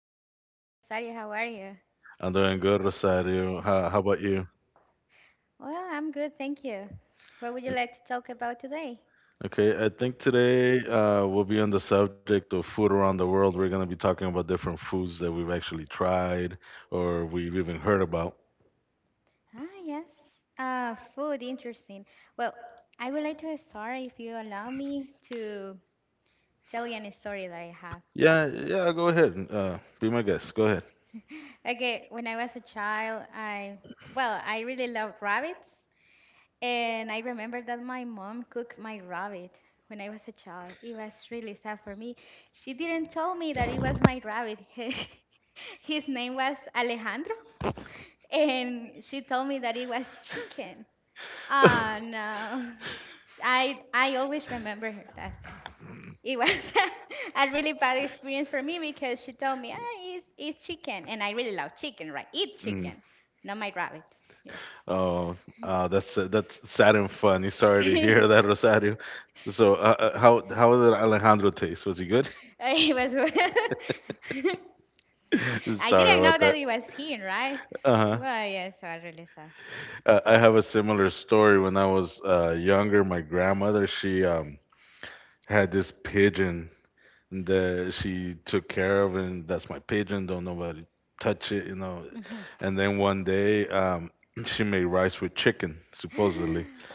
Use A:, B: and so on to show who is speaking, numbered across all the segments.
A: Hi, my name is Rosario. How are you?
B: I'm doing good, Rosario. How about you?
A: Well, I'm good, thank you. What would you like to talk about today?
B: Okay, I think today we'll be on the subject of food around the world. We're going to be talking about different foods that we've actually tried or we've even heard about.
A: Ah, yes. Food, interesting. Well, I would like to start, if you allow me, to tell you a story that I have.
B: Yeah, yeah, go ahead. Be my guest. Go
A: Okay, when I was a child, I really loved rabbits, and I remember that my mom cooked my rabbit when I was a child. It was really sad for me. She didn't tell me that it was my rabbit. His name was Alejandro, and she told me that it was chicken.
B: ahead.
A: Oh no. I always remember her that. It was a really bad experience for me because she told me, it's chicken. And I really love chicken, right? Eat chicken, not my rabbit. Yes.
B: Oh, that's sad and funny. Sorry to
A: It
B: hear that, Rosario. So, how did Alejandro taste? Was he good?
A: was. I
B: Sorry
A: didn't
B: about
A: know that
B: that.
A: it was him, right?
B: Uh-huh.
A: Well, yes, so I really saw.
B: I have a similar story. When I was younger, my grandmother, she had this pigeon that she took care of, and that's my pigeon. Don't nobody touch it, you know. And then one day, she made rice with chicken, supposedly.
A: hmm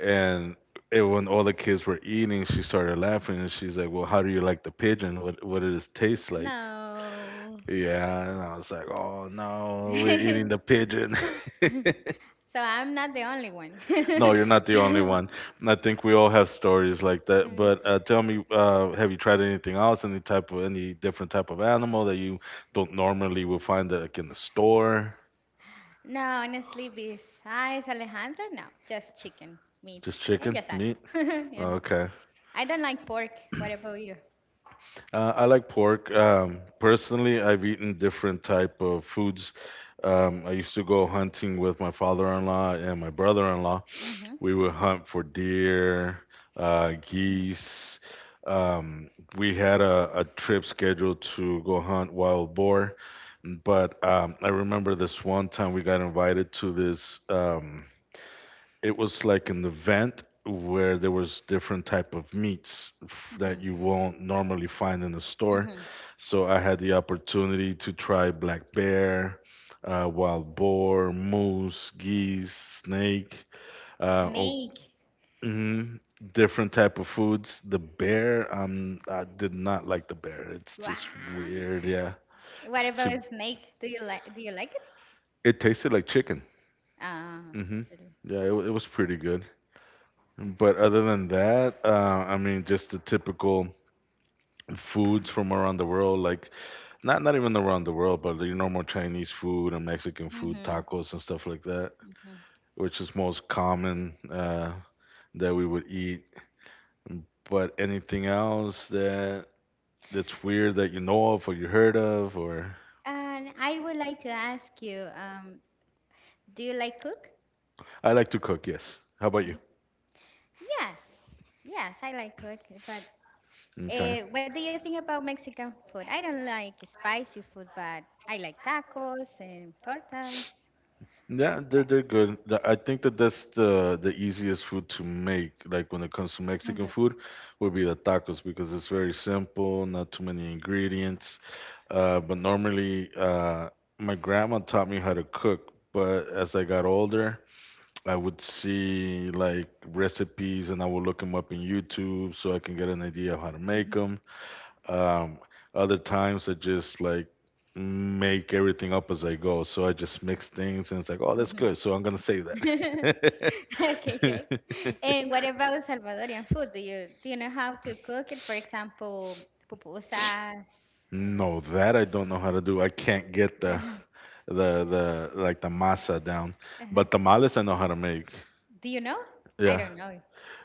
B: And it, when all the kids were eating, she started laughing, and she's like, "Well, how do you like the pigeon? What does it taste like?"
A: No.
B: Yeah, and I was like, "Oh no, we're eating the pigeon."
A: So I'm not the only one.
B: No, you're not the only one. And I think we all have stories like that. But tell me, have you tried anything else? Any type of any different type of animal that you don't normally will find like in the store?
A: No, honestly, besides Alejandro, no, just chicken, meat,
B: Just
A: and
B: chicken,
A: just that.
B: meat?
A: Yeah.
B: Okay.
A: I don't like pork. What about you?
B: I like pork. Personally, I've eaten different type of foods. I used to go hunting with my father-in-law and my brother-in-law.
A: Mm-hmm.
B: We would hunt for deer, geese. Um, we had a trip scheduled to go hunt wild boar, but I remember this one time we got invited to this. It was like an event where there was different type of meats that
A: Mm-hmm.
B: you won't normally find in the store.
A: Mm-hmm.
B: So I had the opportunity to try black bear, wild boar, moose, geese, snake, oh,
A: Snake.
B: mhm, different type of foods. The bear, I did not like the bear. It's just
A: Wow.
B: weird. Yeah,
A: What
B: it's too.
A: about snake? Do you like? Do you like it?
B: It tasted like chicken.
A: Ah.
B: Hmm.
A: Really.
B: Yeah, it, it was pretty good. But other than that, I mean, just the typical foods from around the world, like not even around the world, but your normal Chinese food and Mexican food,
A: Mhm.
B: tacos and stuff like that, which is most common that we would eat. But anything else that's weird that you know of or you heard of, or I like to cook, yes. How about you? Okay. Yeah, they're good. I think that that's the easiest food to make, like when it comes to Mexican food, would be the tacos because it's very simple, not too many ingredients. But normally, my grandma taught me how to cook, but as I got older, I would see like recipes and I would look them up in YouTube so I can get an idea of how to make them. Um, Other times I just like make everything up as I go. So I just mix things and it's like, oh, that's good. So I'm gonna save that. No, that I don't know how to do. I can't get the like the masa down. But tamales I know how to make. Yeah.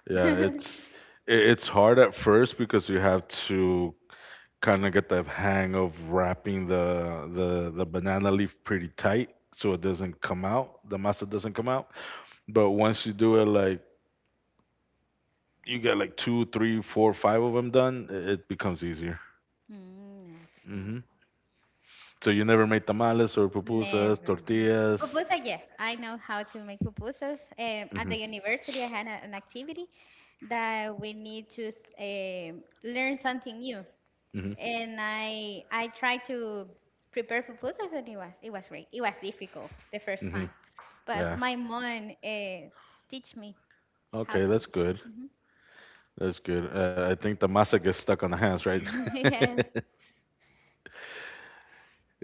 B: Yeah, it's hard at first because you have to kind of get the hang of wrapping the banana leaf pretty tight so it doesn't come out, the masa doesn't come out. But once you do it, like you get like two three four five of them done, it becomes easier. Hmm. So you never made tamales or pupusas, tortillas? Hmm. Hmm. Hmm. Yeah, okay, that's good, that's good. I think the masa gets stuck on the hands, right?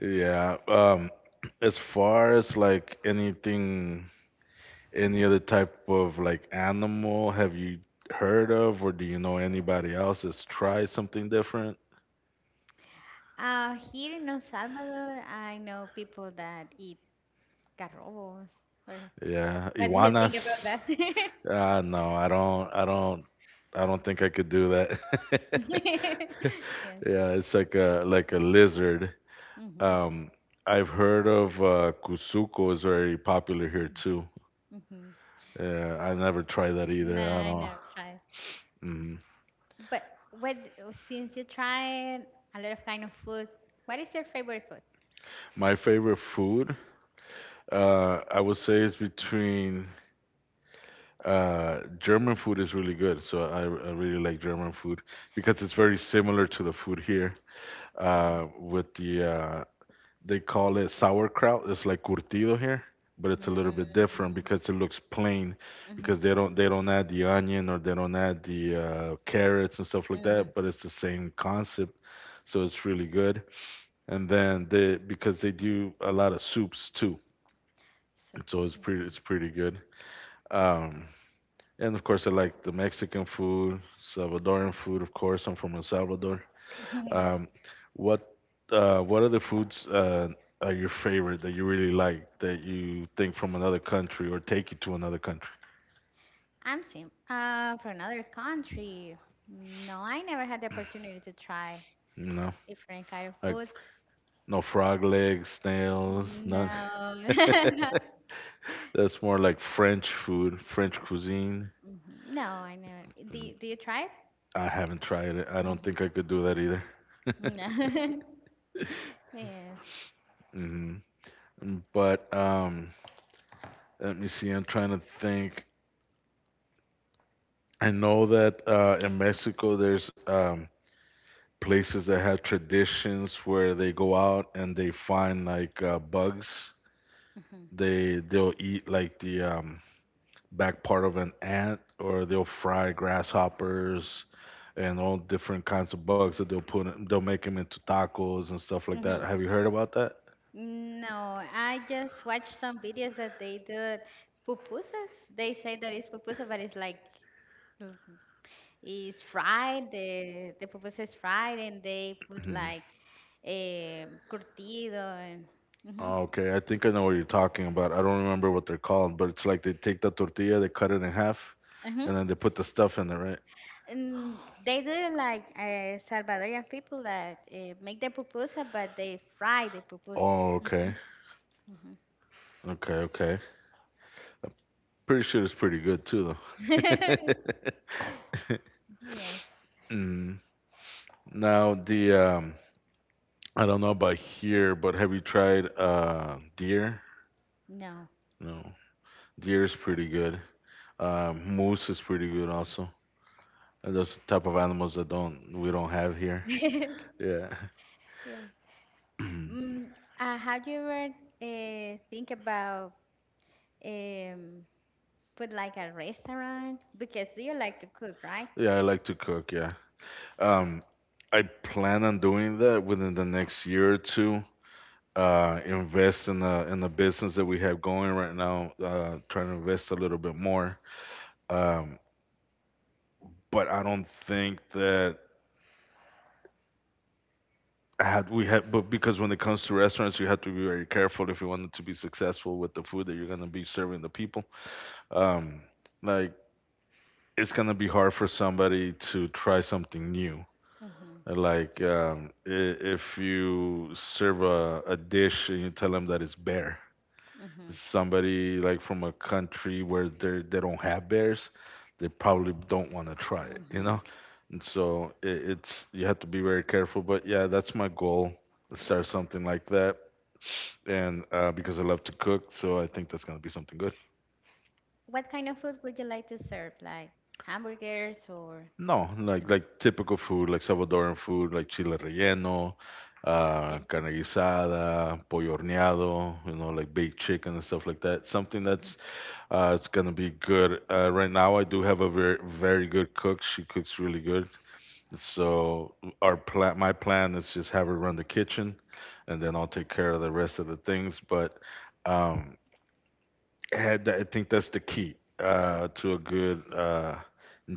B: Yeah. As far as like anything, any other type of like animal, have you heard of, or do you know anybody else that's tried something different? Yeah, iguanas. No, I don't. I don't. I don't think I could do that. Yeah, it's like a lizard. Um, I've heard of Kusuko is very popular here too. Yeah, I never tried that either. I don't. My favorite food, I would say, is between German food is really good. So I really like German food because it's very similar to the food here. With the they call it sauerkraut. It's like curtido here, but it's a little bit different because it looks plain because they don't add the onion or they don't add the carrots and stuff like that. But it's the same concept, so it's really good. And then they, because they do a lot of soups too. So it's pretty good. Um, and of course, I like the Mexican food, Salvadoran food. Of course, I'm from El Salvador. Um, what what other foods are your favorite that you really like that you think from another country or take you to another country? You know, like no frog legs, snails, none. That's more like French food, French cuisine. I haven't tried it. I don't think I could do that either. Hmm. But let me see. I'm trying to think. I know that in Mexico, there's places that have traditions where they go out and they find like bugs. They'll eat like the back part of an ant, or they'll fry grasshoppers and all different kinds of bugs that they'll put. In, they'll make them into tacos and stuff like that. Have you heard about that? Mhm. Oh, okay. I think I know what you're talking about. I don't remember what they're called, but it's like they take the tortilla, they cut it in half, and then they put the stuff in there, right? Oh, okay. Okay, okay. I'm pretty sure it's pretty good too, though. Mm. Now the I don't know about here, but have you tried deer? No, deer is pretty good. Moose is pretty good also. And those type of animals that don't we don't have here. Yeah. Yeah, I like to cook, yeah. Um, I plan on doing that within the next year or two. Invest in the business that we have going right now. Trying to invest a little bit more. Um, but I don't think that I had we had. But because when it comes to restaurants, you have to be very careful if you want it to be successful with the food that you're gonna be serving the people. Um, like it's gonna be hard for somebody to try something new. Like if you serve a dish and you tell them that it's bear, somebody like from a country where they don't have bears, they probably don't want to try it, you know? And so it's you have to be very careful. But yeah, that's my goal. Start something like that, and because I love to cook, so I think that's gonna be something good. No, like typical food, like Salvadoran food, like chile relleno, carne guisada, pollo horneado, you know, like baked chicken and stuff like that. Something that's it's gonna be good. Right now, I do have a very good cook. She cooks really good. So our plan, my plan is just have her run the kitchen, and then I'll take care of the rest of the things. But um, I think that's the key to a good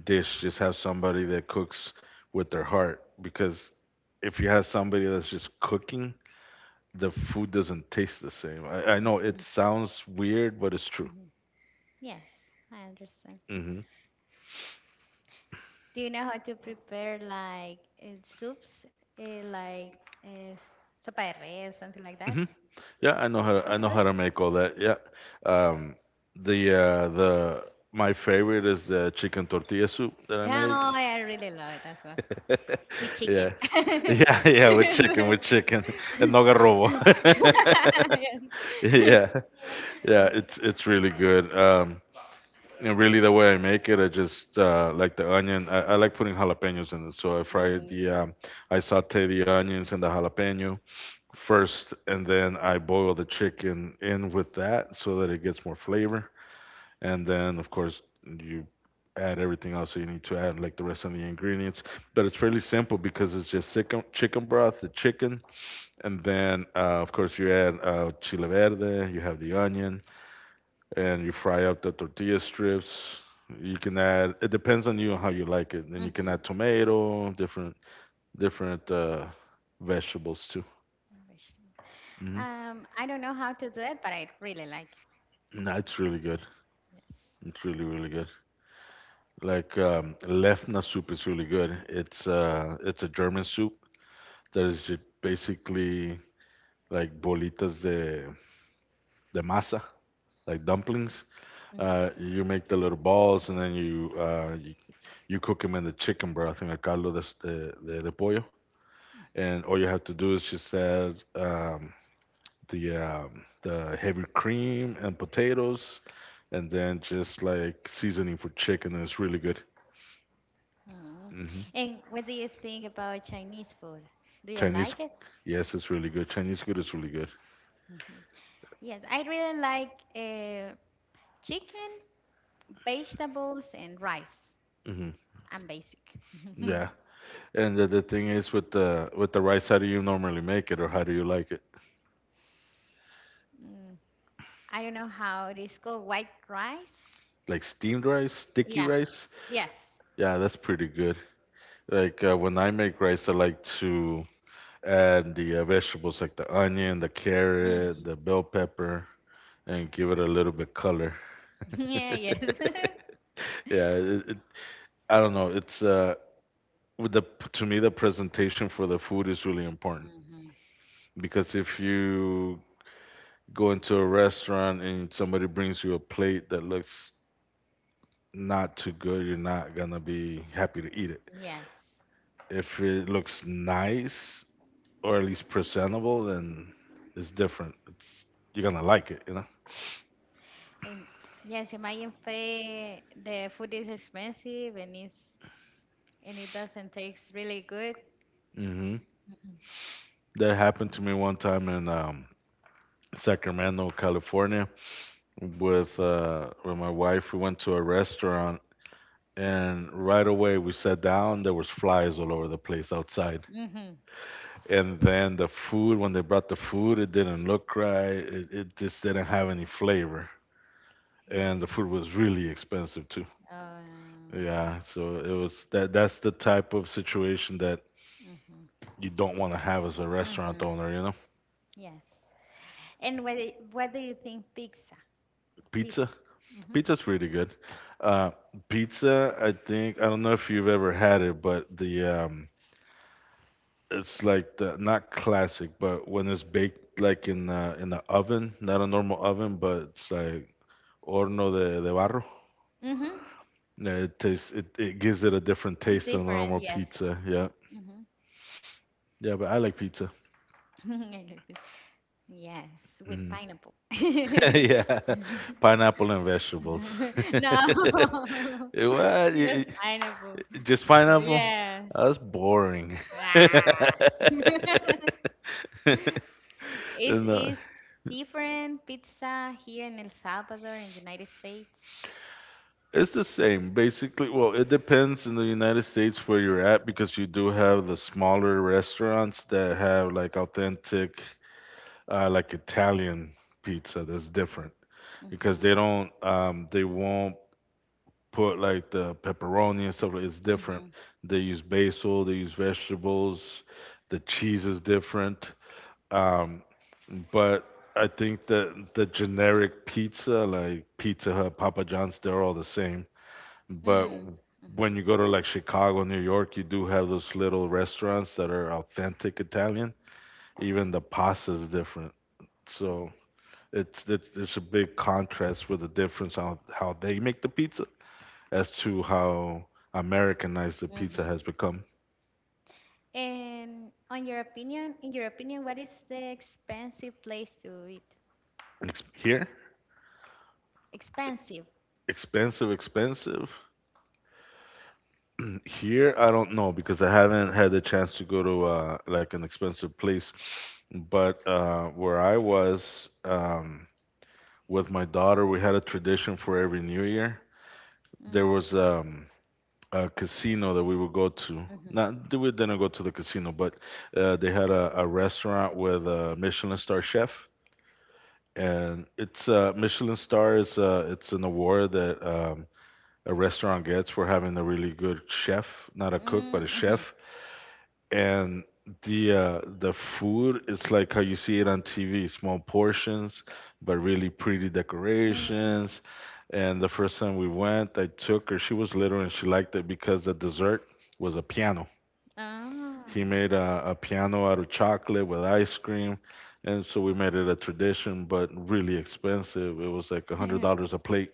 B: dish. Just have somebody that cooks with their heart, because if you have somebody that's just cooking, the food doesn't taste the same. I know it sounds weird, but it's true. Hmm. Hmm. Yeah, I know how to make all that. Yeah. Um, the my favorite is the chicken tortilla soup that I make. Yeah. Yeah, yeah, with chicken, with chicken. And no garrobo. Yeah. Yeah, it's really good. And really, the way I make it, I just like the onion. I like putting jalapenos in it, so I fry the, I saute the onions and the jalapeno first, and then I boil the chicken in with that so that it gets more flavor. And then, of course, you add everything else that you need to add, like the rest of the ingredients. But it's fairly simple because it's just chicken, chicken broth, the chicken, and then, of course, you add chile verde, you have the onion, and you fry up the tortilla strips. You can add. It depends on you how you like it. Then you can add tomato, different vegetables too. Hmm. No, it's really good. It's really really good. Like lefna soup is really good. It's a German soup that is just basically like bolitas de masa, like dumplings. You make the little balls and then you you You cook them in the chicken broth, in el caldo de pollo. And all you have to do is just add the heavy cream and potatoes, and then just like seasoning for chicken. And it's really good. Hmm. Chinese, yes, it's really good. Chinese food is really good. Hmm. Yeah. And the thing is with the rice, how do you normally make it, or how do you like it? Like steamed rice, sticky rice? Yeah, that's pretty good. Like when I make rice, I like to add the vegetables like the onion, the carrot, the bell pepper, and give it a little bit color. Yeah, I don't know. It's with the to me the presentation for the food is really important because if you go into a restaurant and somebody brings you a plate that looks not too good, you're not gonna be happy to eat it. If it looks nice or at least presentable, then it's different. It's you're gonna like it. Mhm. That happened to me one time in Sacramento, California, with my wife. We went to a restaurant, and right away we sat down. There was flies all over the place outside, and then the food. When they brought the food, it didn't look right. It just didn't have any flavor, and the food was really expensive too. Yeah, so it was that. That's the type of situation that you don't want to have as a restaurant owner. You know, pizza Pizza's pretty good. Uh, Pizza, I think I don't know if you've ever had it, but the it's like the not classic, but when it's baked like in the oven, not a normal oven, but it's like horno de barro. Yeah, it tastes it gives it a different taste than a normal pizza. Yeah, yeah, but I like pizza. Mhm. Yeah, pineapple and vegetables. What? Just pineapple? That's boring. No, it's the same. Basically, well, it depends in the United States where you're at because you do have the smaller restaurants that have like authentic, like Italian pizza that's different because they don't, they won't put like the pepperoni and stuff. It's different. They use basil. They use vegetables. The cheese is different. Um, but I think that the generic pizza, like Pizza Hut, Papa John's, they're all the same. But when you go to like Chicago, New York, you do have those little restaurants that are authentic Italian. Even the pasta is different. So it's a big contrast with the difference on how they make the pizza as to how Americanized the pizza has become. Here, expensive. Here, I don't know because I haven't had the chance to go to like an expensive place. But where I was with my daughter, we had a tradition for every New Year. There was a casino that we would go to. Not that we didn't go to the casino, but they had a restaurant with a Michelin star chef and it's Michelin star is it's an award that a restaurant gets for having a really good chef, not a cook but a chef. And the food is like how you see it on TV, small portions but really pretty decorations. And the first time we went, I took her. She was little and she liked it because the dessert was a piano He made a piano out of chocolate with ice cream. And so we made it a tradition, but really expensive. It was like $100 a plate.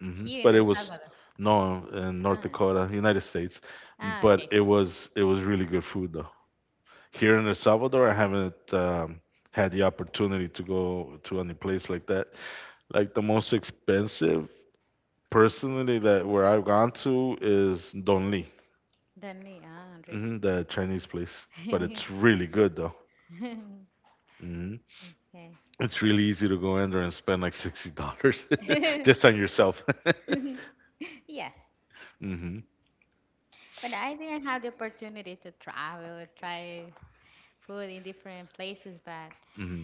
B: Hmm. But it was no in North Dakota, United States. But it was really good food though. Here in El Salvador, I haven't had the opportunity to go to any place like that. Like the most expensive, personally, that where I've gone to is Don Lee, hmm, the Chinese place. But it's really good though. Mm-hmm. It's really easy to go in there and spend like $60 just on yourself. Hmm. Hmm.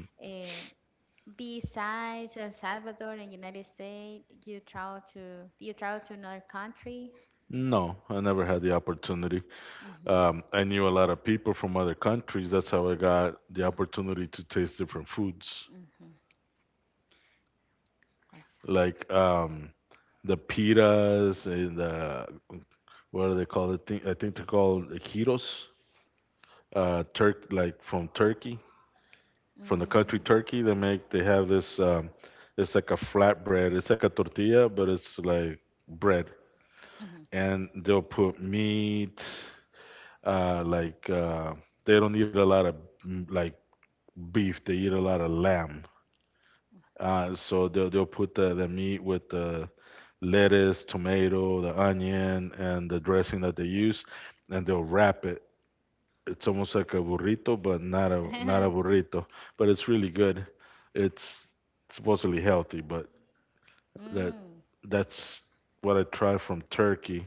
B: No, I never had the opportunity. I knew a lot of people from other countries. That's how I got the opportunity to taste different foods, like the pitas and the what do they call it? I think they're called the gyros, Turk, like from Turkey. From the country Turkey. They have this it's like a flatbread. It's like a tortilla, but it's like bread, and they'll put meat. Like they don't eat a lot of like beef. They eat a lot of lamb. So they'll put the meat with the lettuce, tomato, the onion, and the dressing that they use, and they'll wrap it's almost like a burrito, but not a burrito. But it's really good. It's supposedly healthy, but that that's what I tried from Turkey.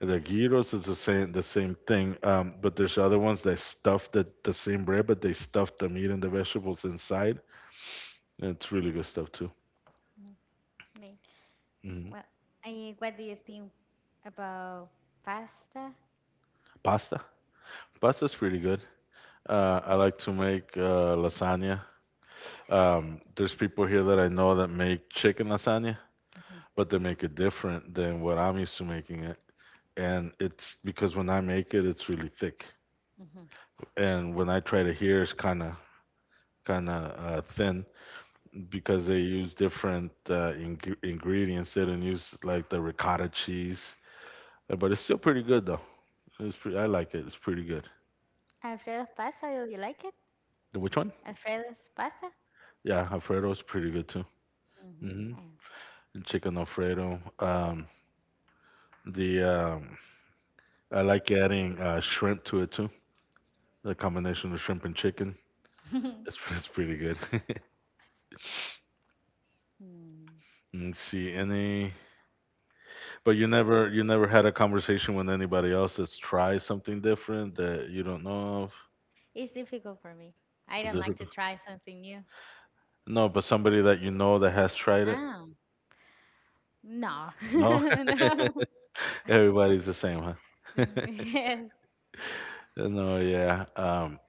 B: The gyros is the same thing, but there's other ones that stuff the same bread, but they stuff the meat and the vegetables inside. And it's really good stuff too. Hmm. Pasta, pasta's pretty good. I like to make lasagna. There's people here that I know that make chicken lasagna but they make it different than what I'm used to making it. And it's because when I make it, it's really thick, and when I try to hear, it's kind of thin because they use different ingredients. They don't use like the ricotta cheese, but it's still pretty good though. It's pretty, I like it. It's pretty good. Which one? Yeah, Alfredo is pretty good too. Hmm. Chicken Alfredo. The I like adding shrimp to it too. The combination of shrimp and chicken. It's, it's pretty good. Mm, see any, but you never had a conversation with anybody else that's tried something different that you don't know of. Is this rec- no? But somebody that you know that has tried it. No, everybody's the same, huh? No, yeah.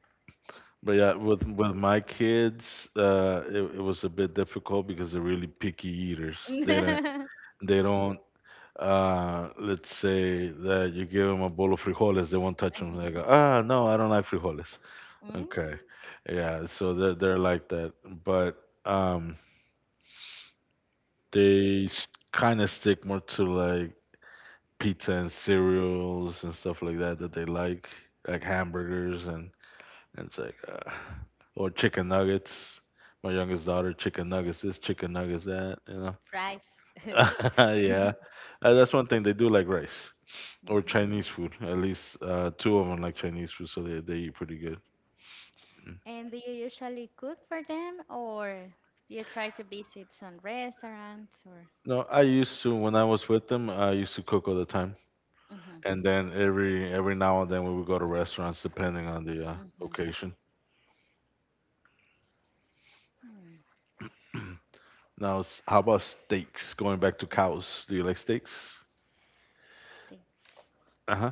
B: But yeah, with my kids, it was a bit difficult because they're really picky eaters. They don't they don't let's say that you give them a bowl of frijoles, they won't touch them. They go, ah, no, I don't like frijoles. Okay. Yeah, so they're like that, but um they kind of stick more to like pizza and cereals and stuff like that that they like hamburgers and it's like or chicken nuggets. My youngest daughter, chicken nuggets this, chicken nuggets that, you know. Yeah. That's one thing they do like rice or Chinese food. At least two of them like Chinese food, so they eat pretty good. Mm. No, I used to when I was with them, I used to cook all the time. And then every now and then we would go to restaurants depending on the occasion. Now, how about steaks? Going back to cows, do you like steaks? Uh-huh.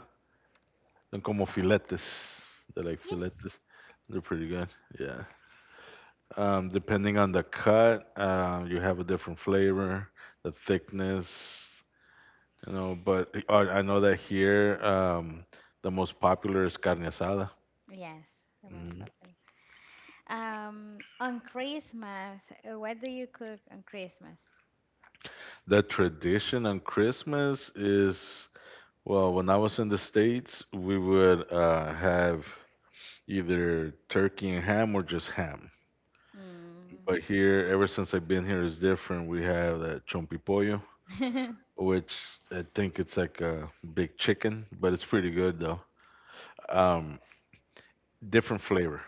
B: Son como filetes. They're like filetes. They're pretty good. Yeah. Depending on the cut, you have a different flavor, the thickness, you know. But I know that here, the most popular is carne asada. Mhm. The tradition on Christmas is Well, when I was in the States, we would have either turkey and ham or just ham. But here, ever since I've been here, it's different. We have that chompipollo, which I think it's like a big chicken, but it's pretty good though. Um, different flavor.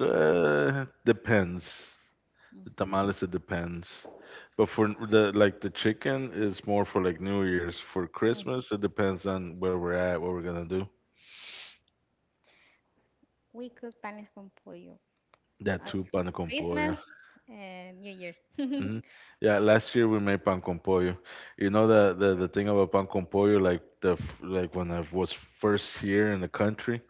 B: Depends. The tamales, it depends. But for the like the chicken is more for like New Year's. For Christmas, it depends on where we're at, what we're gonna do. That too, pan con pollo. Hmm. Yeah, last year we made pan con pollo. You know the thing about pan con pollo, like the like when I was first here in the country,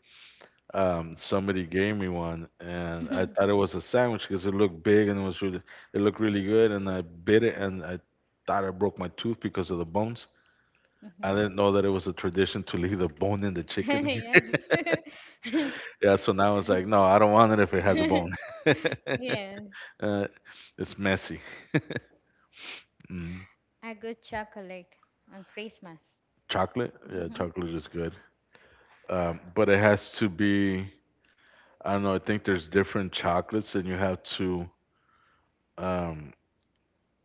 B: somebody gave me one, and I thought it was a sandwich because it looked big and it was really it looked really good, and I bit it and I thought I broke my tooth because of the bones. I didn't know that it was a tradition to leave the bone in the chicken here. Yeah, so now it's like, no, I don't want it if it has a bone. Uh, it's messy. Mm. Chocolate, yeah, chocolate is good. Um, but it has to be. I don't know. I think there's different chocolates, and you have to. Um,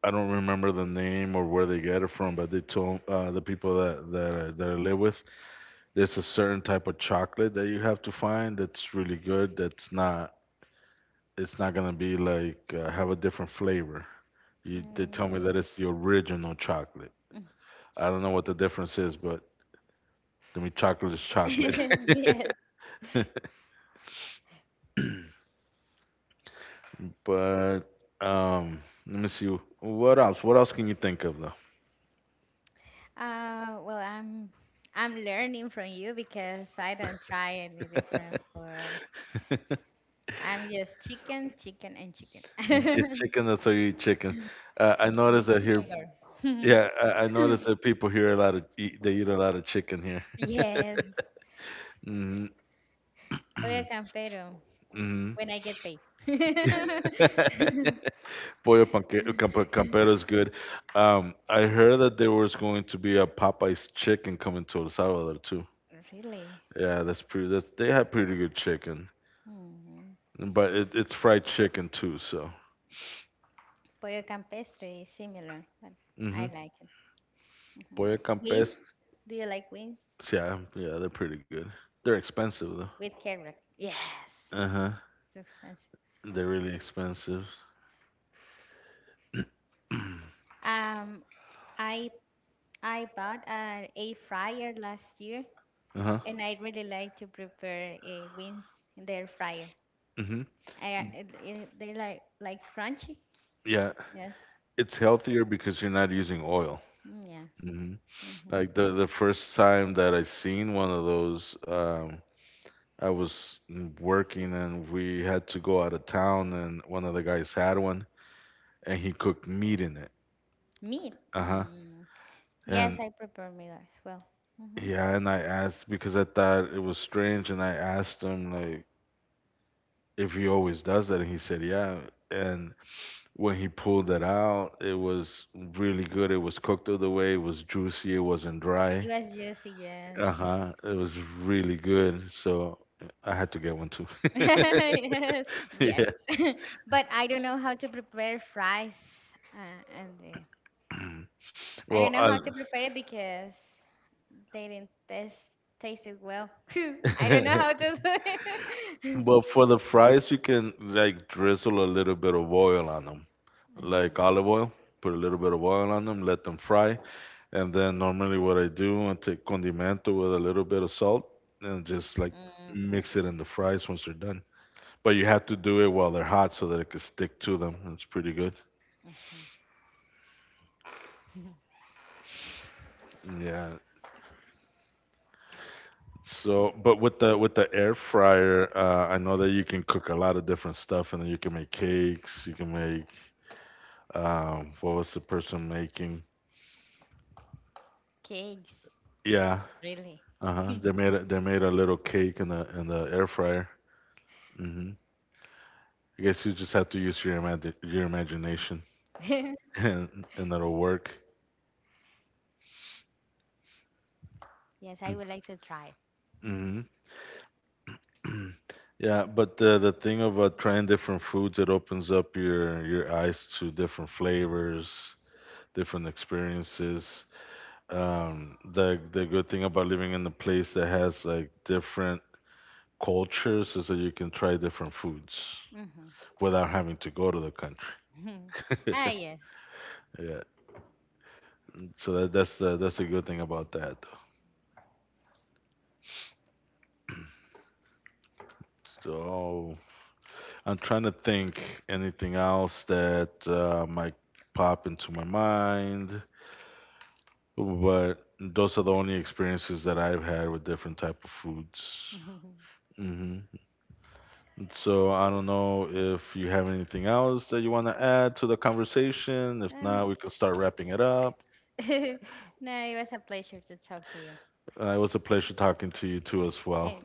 B: I don't remember the name or where they get it from, but they told the people that I live with, there's a certain type of chocolate that you have to find that's really good. That's not. It's not gonna be like have a different flavor. They tell me that it's the original chocolate. I don't know what the difference is, but to me, chocolate is chocolate. But let me see. What else? What else can you think of though? Just chicken. That's how you eat chicken. I noticed that here. Yeah, I noticed that people here a lot of eat, they eat a lot of chicken here. Mm-hmm. hmm Pollo campero is good. I heard that there was going to be a Popeye's chicken coming to El Salvador too. Yeah, that's pretty. That's they have pretty good chicken, but it's fried chicken too. So. Mm-hmm. Pollo Campes, yeah, yeah, they're pretty good. They're expensive though. Uh huh. They're really expensive. uh huh. Mhm. Yeah, it's healthier because you're not using oil. Hmm Like the first time that I seen one of those, I was working and we had to go out of town, and one of the guys had one, and he cooked meat in it. Uh-huh. And yeah, and I asked because I thought it was strange, and I asked him like, if he always does that, and he said yeah, and when he pulled it out it was really good. It was cooked all the way. It was juicy, it wasn't dry. Uh-huh. It was really good, so I had to get one too. yeah. well, I, but for the fries you can like drizzle a little bit of oil on them, like olive oil, put a little bit of oil on them, let them fry. And then normally what I do, I take condimento with a little bit of salt and just like mix it in the fries once they're done. But you have to do it while they're hot so that it can stick to them. It's pretty good. Yeah. So, but with the air fryer, I know that you can cook a lot of different stuff, and then you can make cakes. You can make what was the person making? Yeah, uh-huh. They made a little cake in the air fryer. Hmm I guess you just have to use your your imagination. And it'll work. Hmm Yeah, but the thing of trying different foods, it opens up your eyes to different flavors, different experiences. The good thing about living in a place that has like different cultures is that you can try different foods without having to go to the country. Yeah, so that's the good thing about that. So I'm trying to think anything else that might pop into my mind, but those are the only experiences that I've had with different type of foods. Hmm So I don't know if you have anything else that you want to add to the conversation. If not, we can start wrapping it up. It was a pleasure talking to you too as well.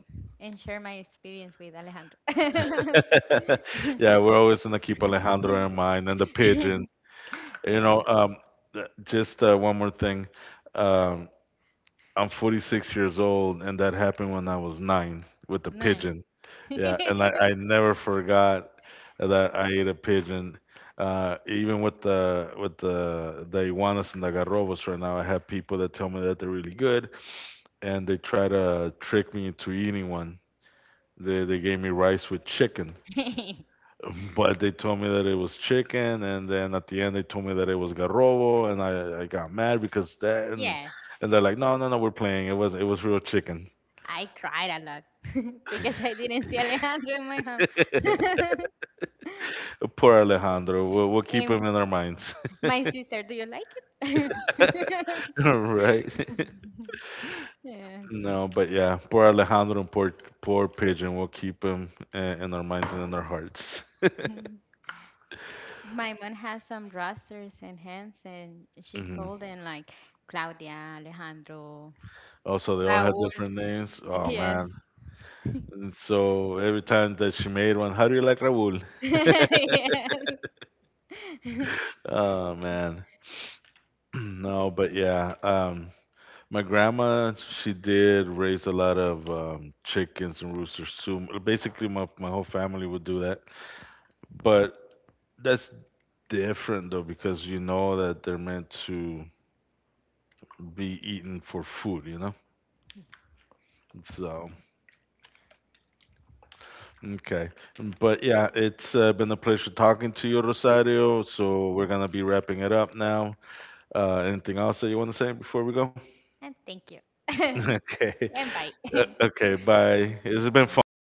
B: yeah, we're always gonna keep Alejandro in mind and the pigeon. You know, th- just one more thing. Um, I'm 46 years old, and that happened when I was 9 with the pigeon. Yeah, and I never forgot that I ate a pigeon. Even with the with the iguanas and the garrobos right now, I have people that tell me that they're really good, and they try to trick me into eating one. They gave me rice with chicken, but they told me that it was chicken, and then at the end they told me that it was garrobo, and I got mad because that and they're like, no, no, no, we're playing. It was real chicken. Poor Alejandro. We'll keep him in our minds. right? No, but yeah, poor Alejandro and poor, poor Pigeon. We'll keep him in our minds and in our hearts. Hmm Also, they all had different names. Oh, man. And so every time that she made one, how do you like Raul? Oh, man. No, but yeah. My grandma, she did raise a lot of chickens and roosters too. Basically, my whole family would do that. But that's different though because you know that they're meant to be eaten for food, you know? So, okay. But yeah, it's been a pleasure talking to you, Rosario. So, we're going to be wrapping it up now. Anything else that you want to say before we go? Okay. Okay, bye. It's been fun.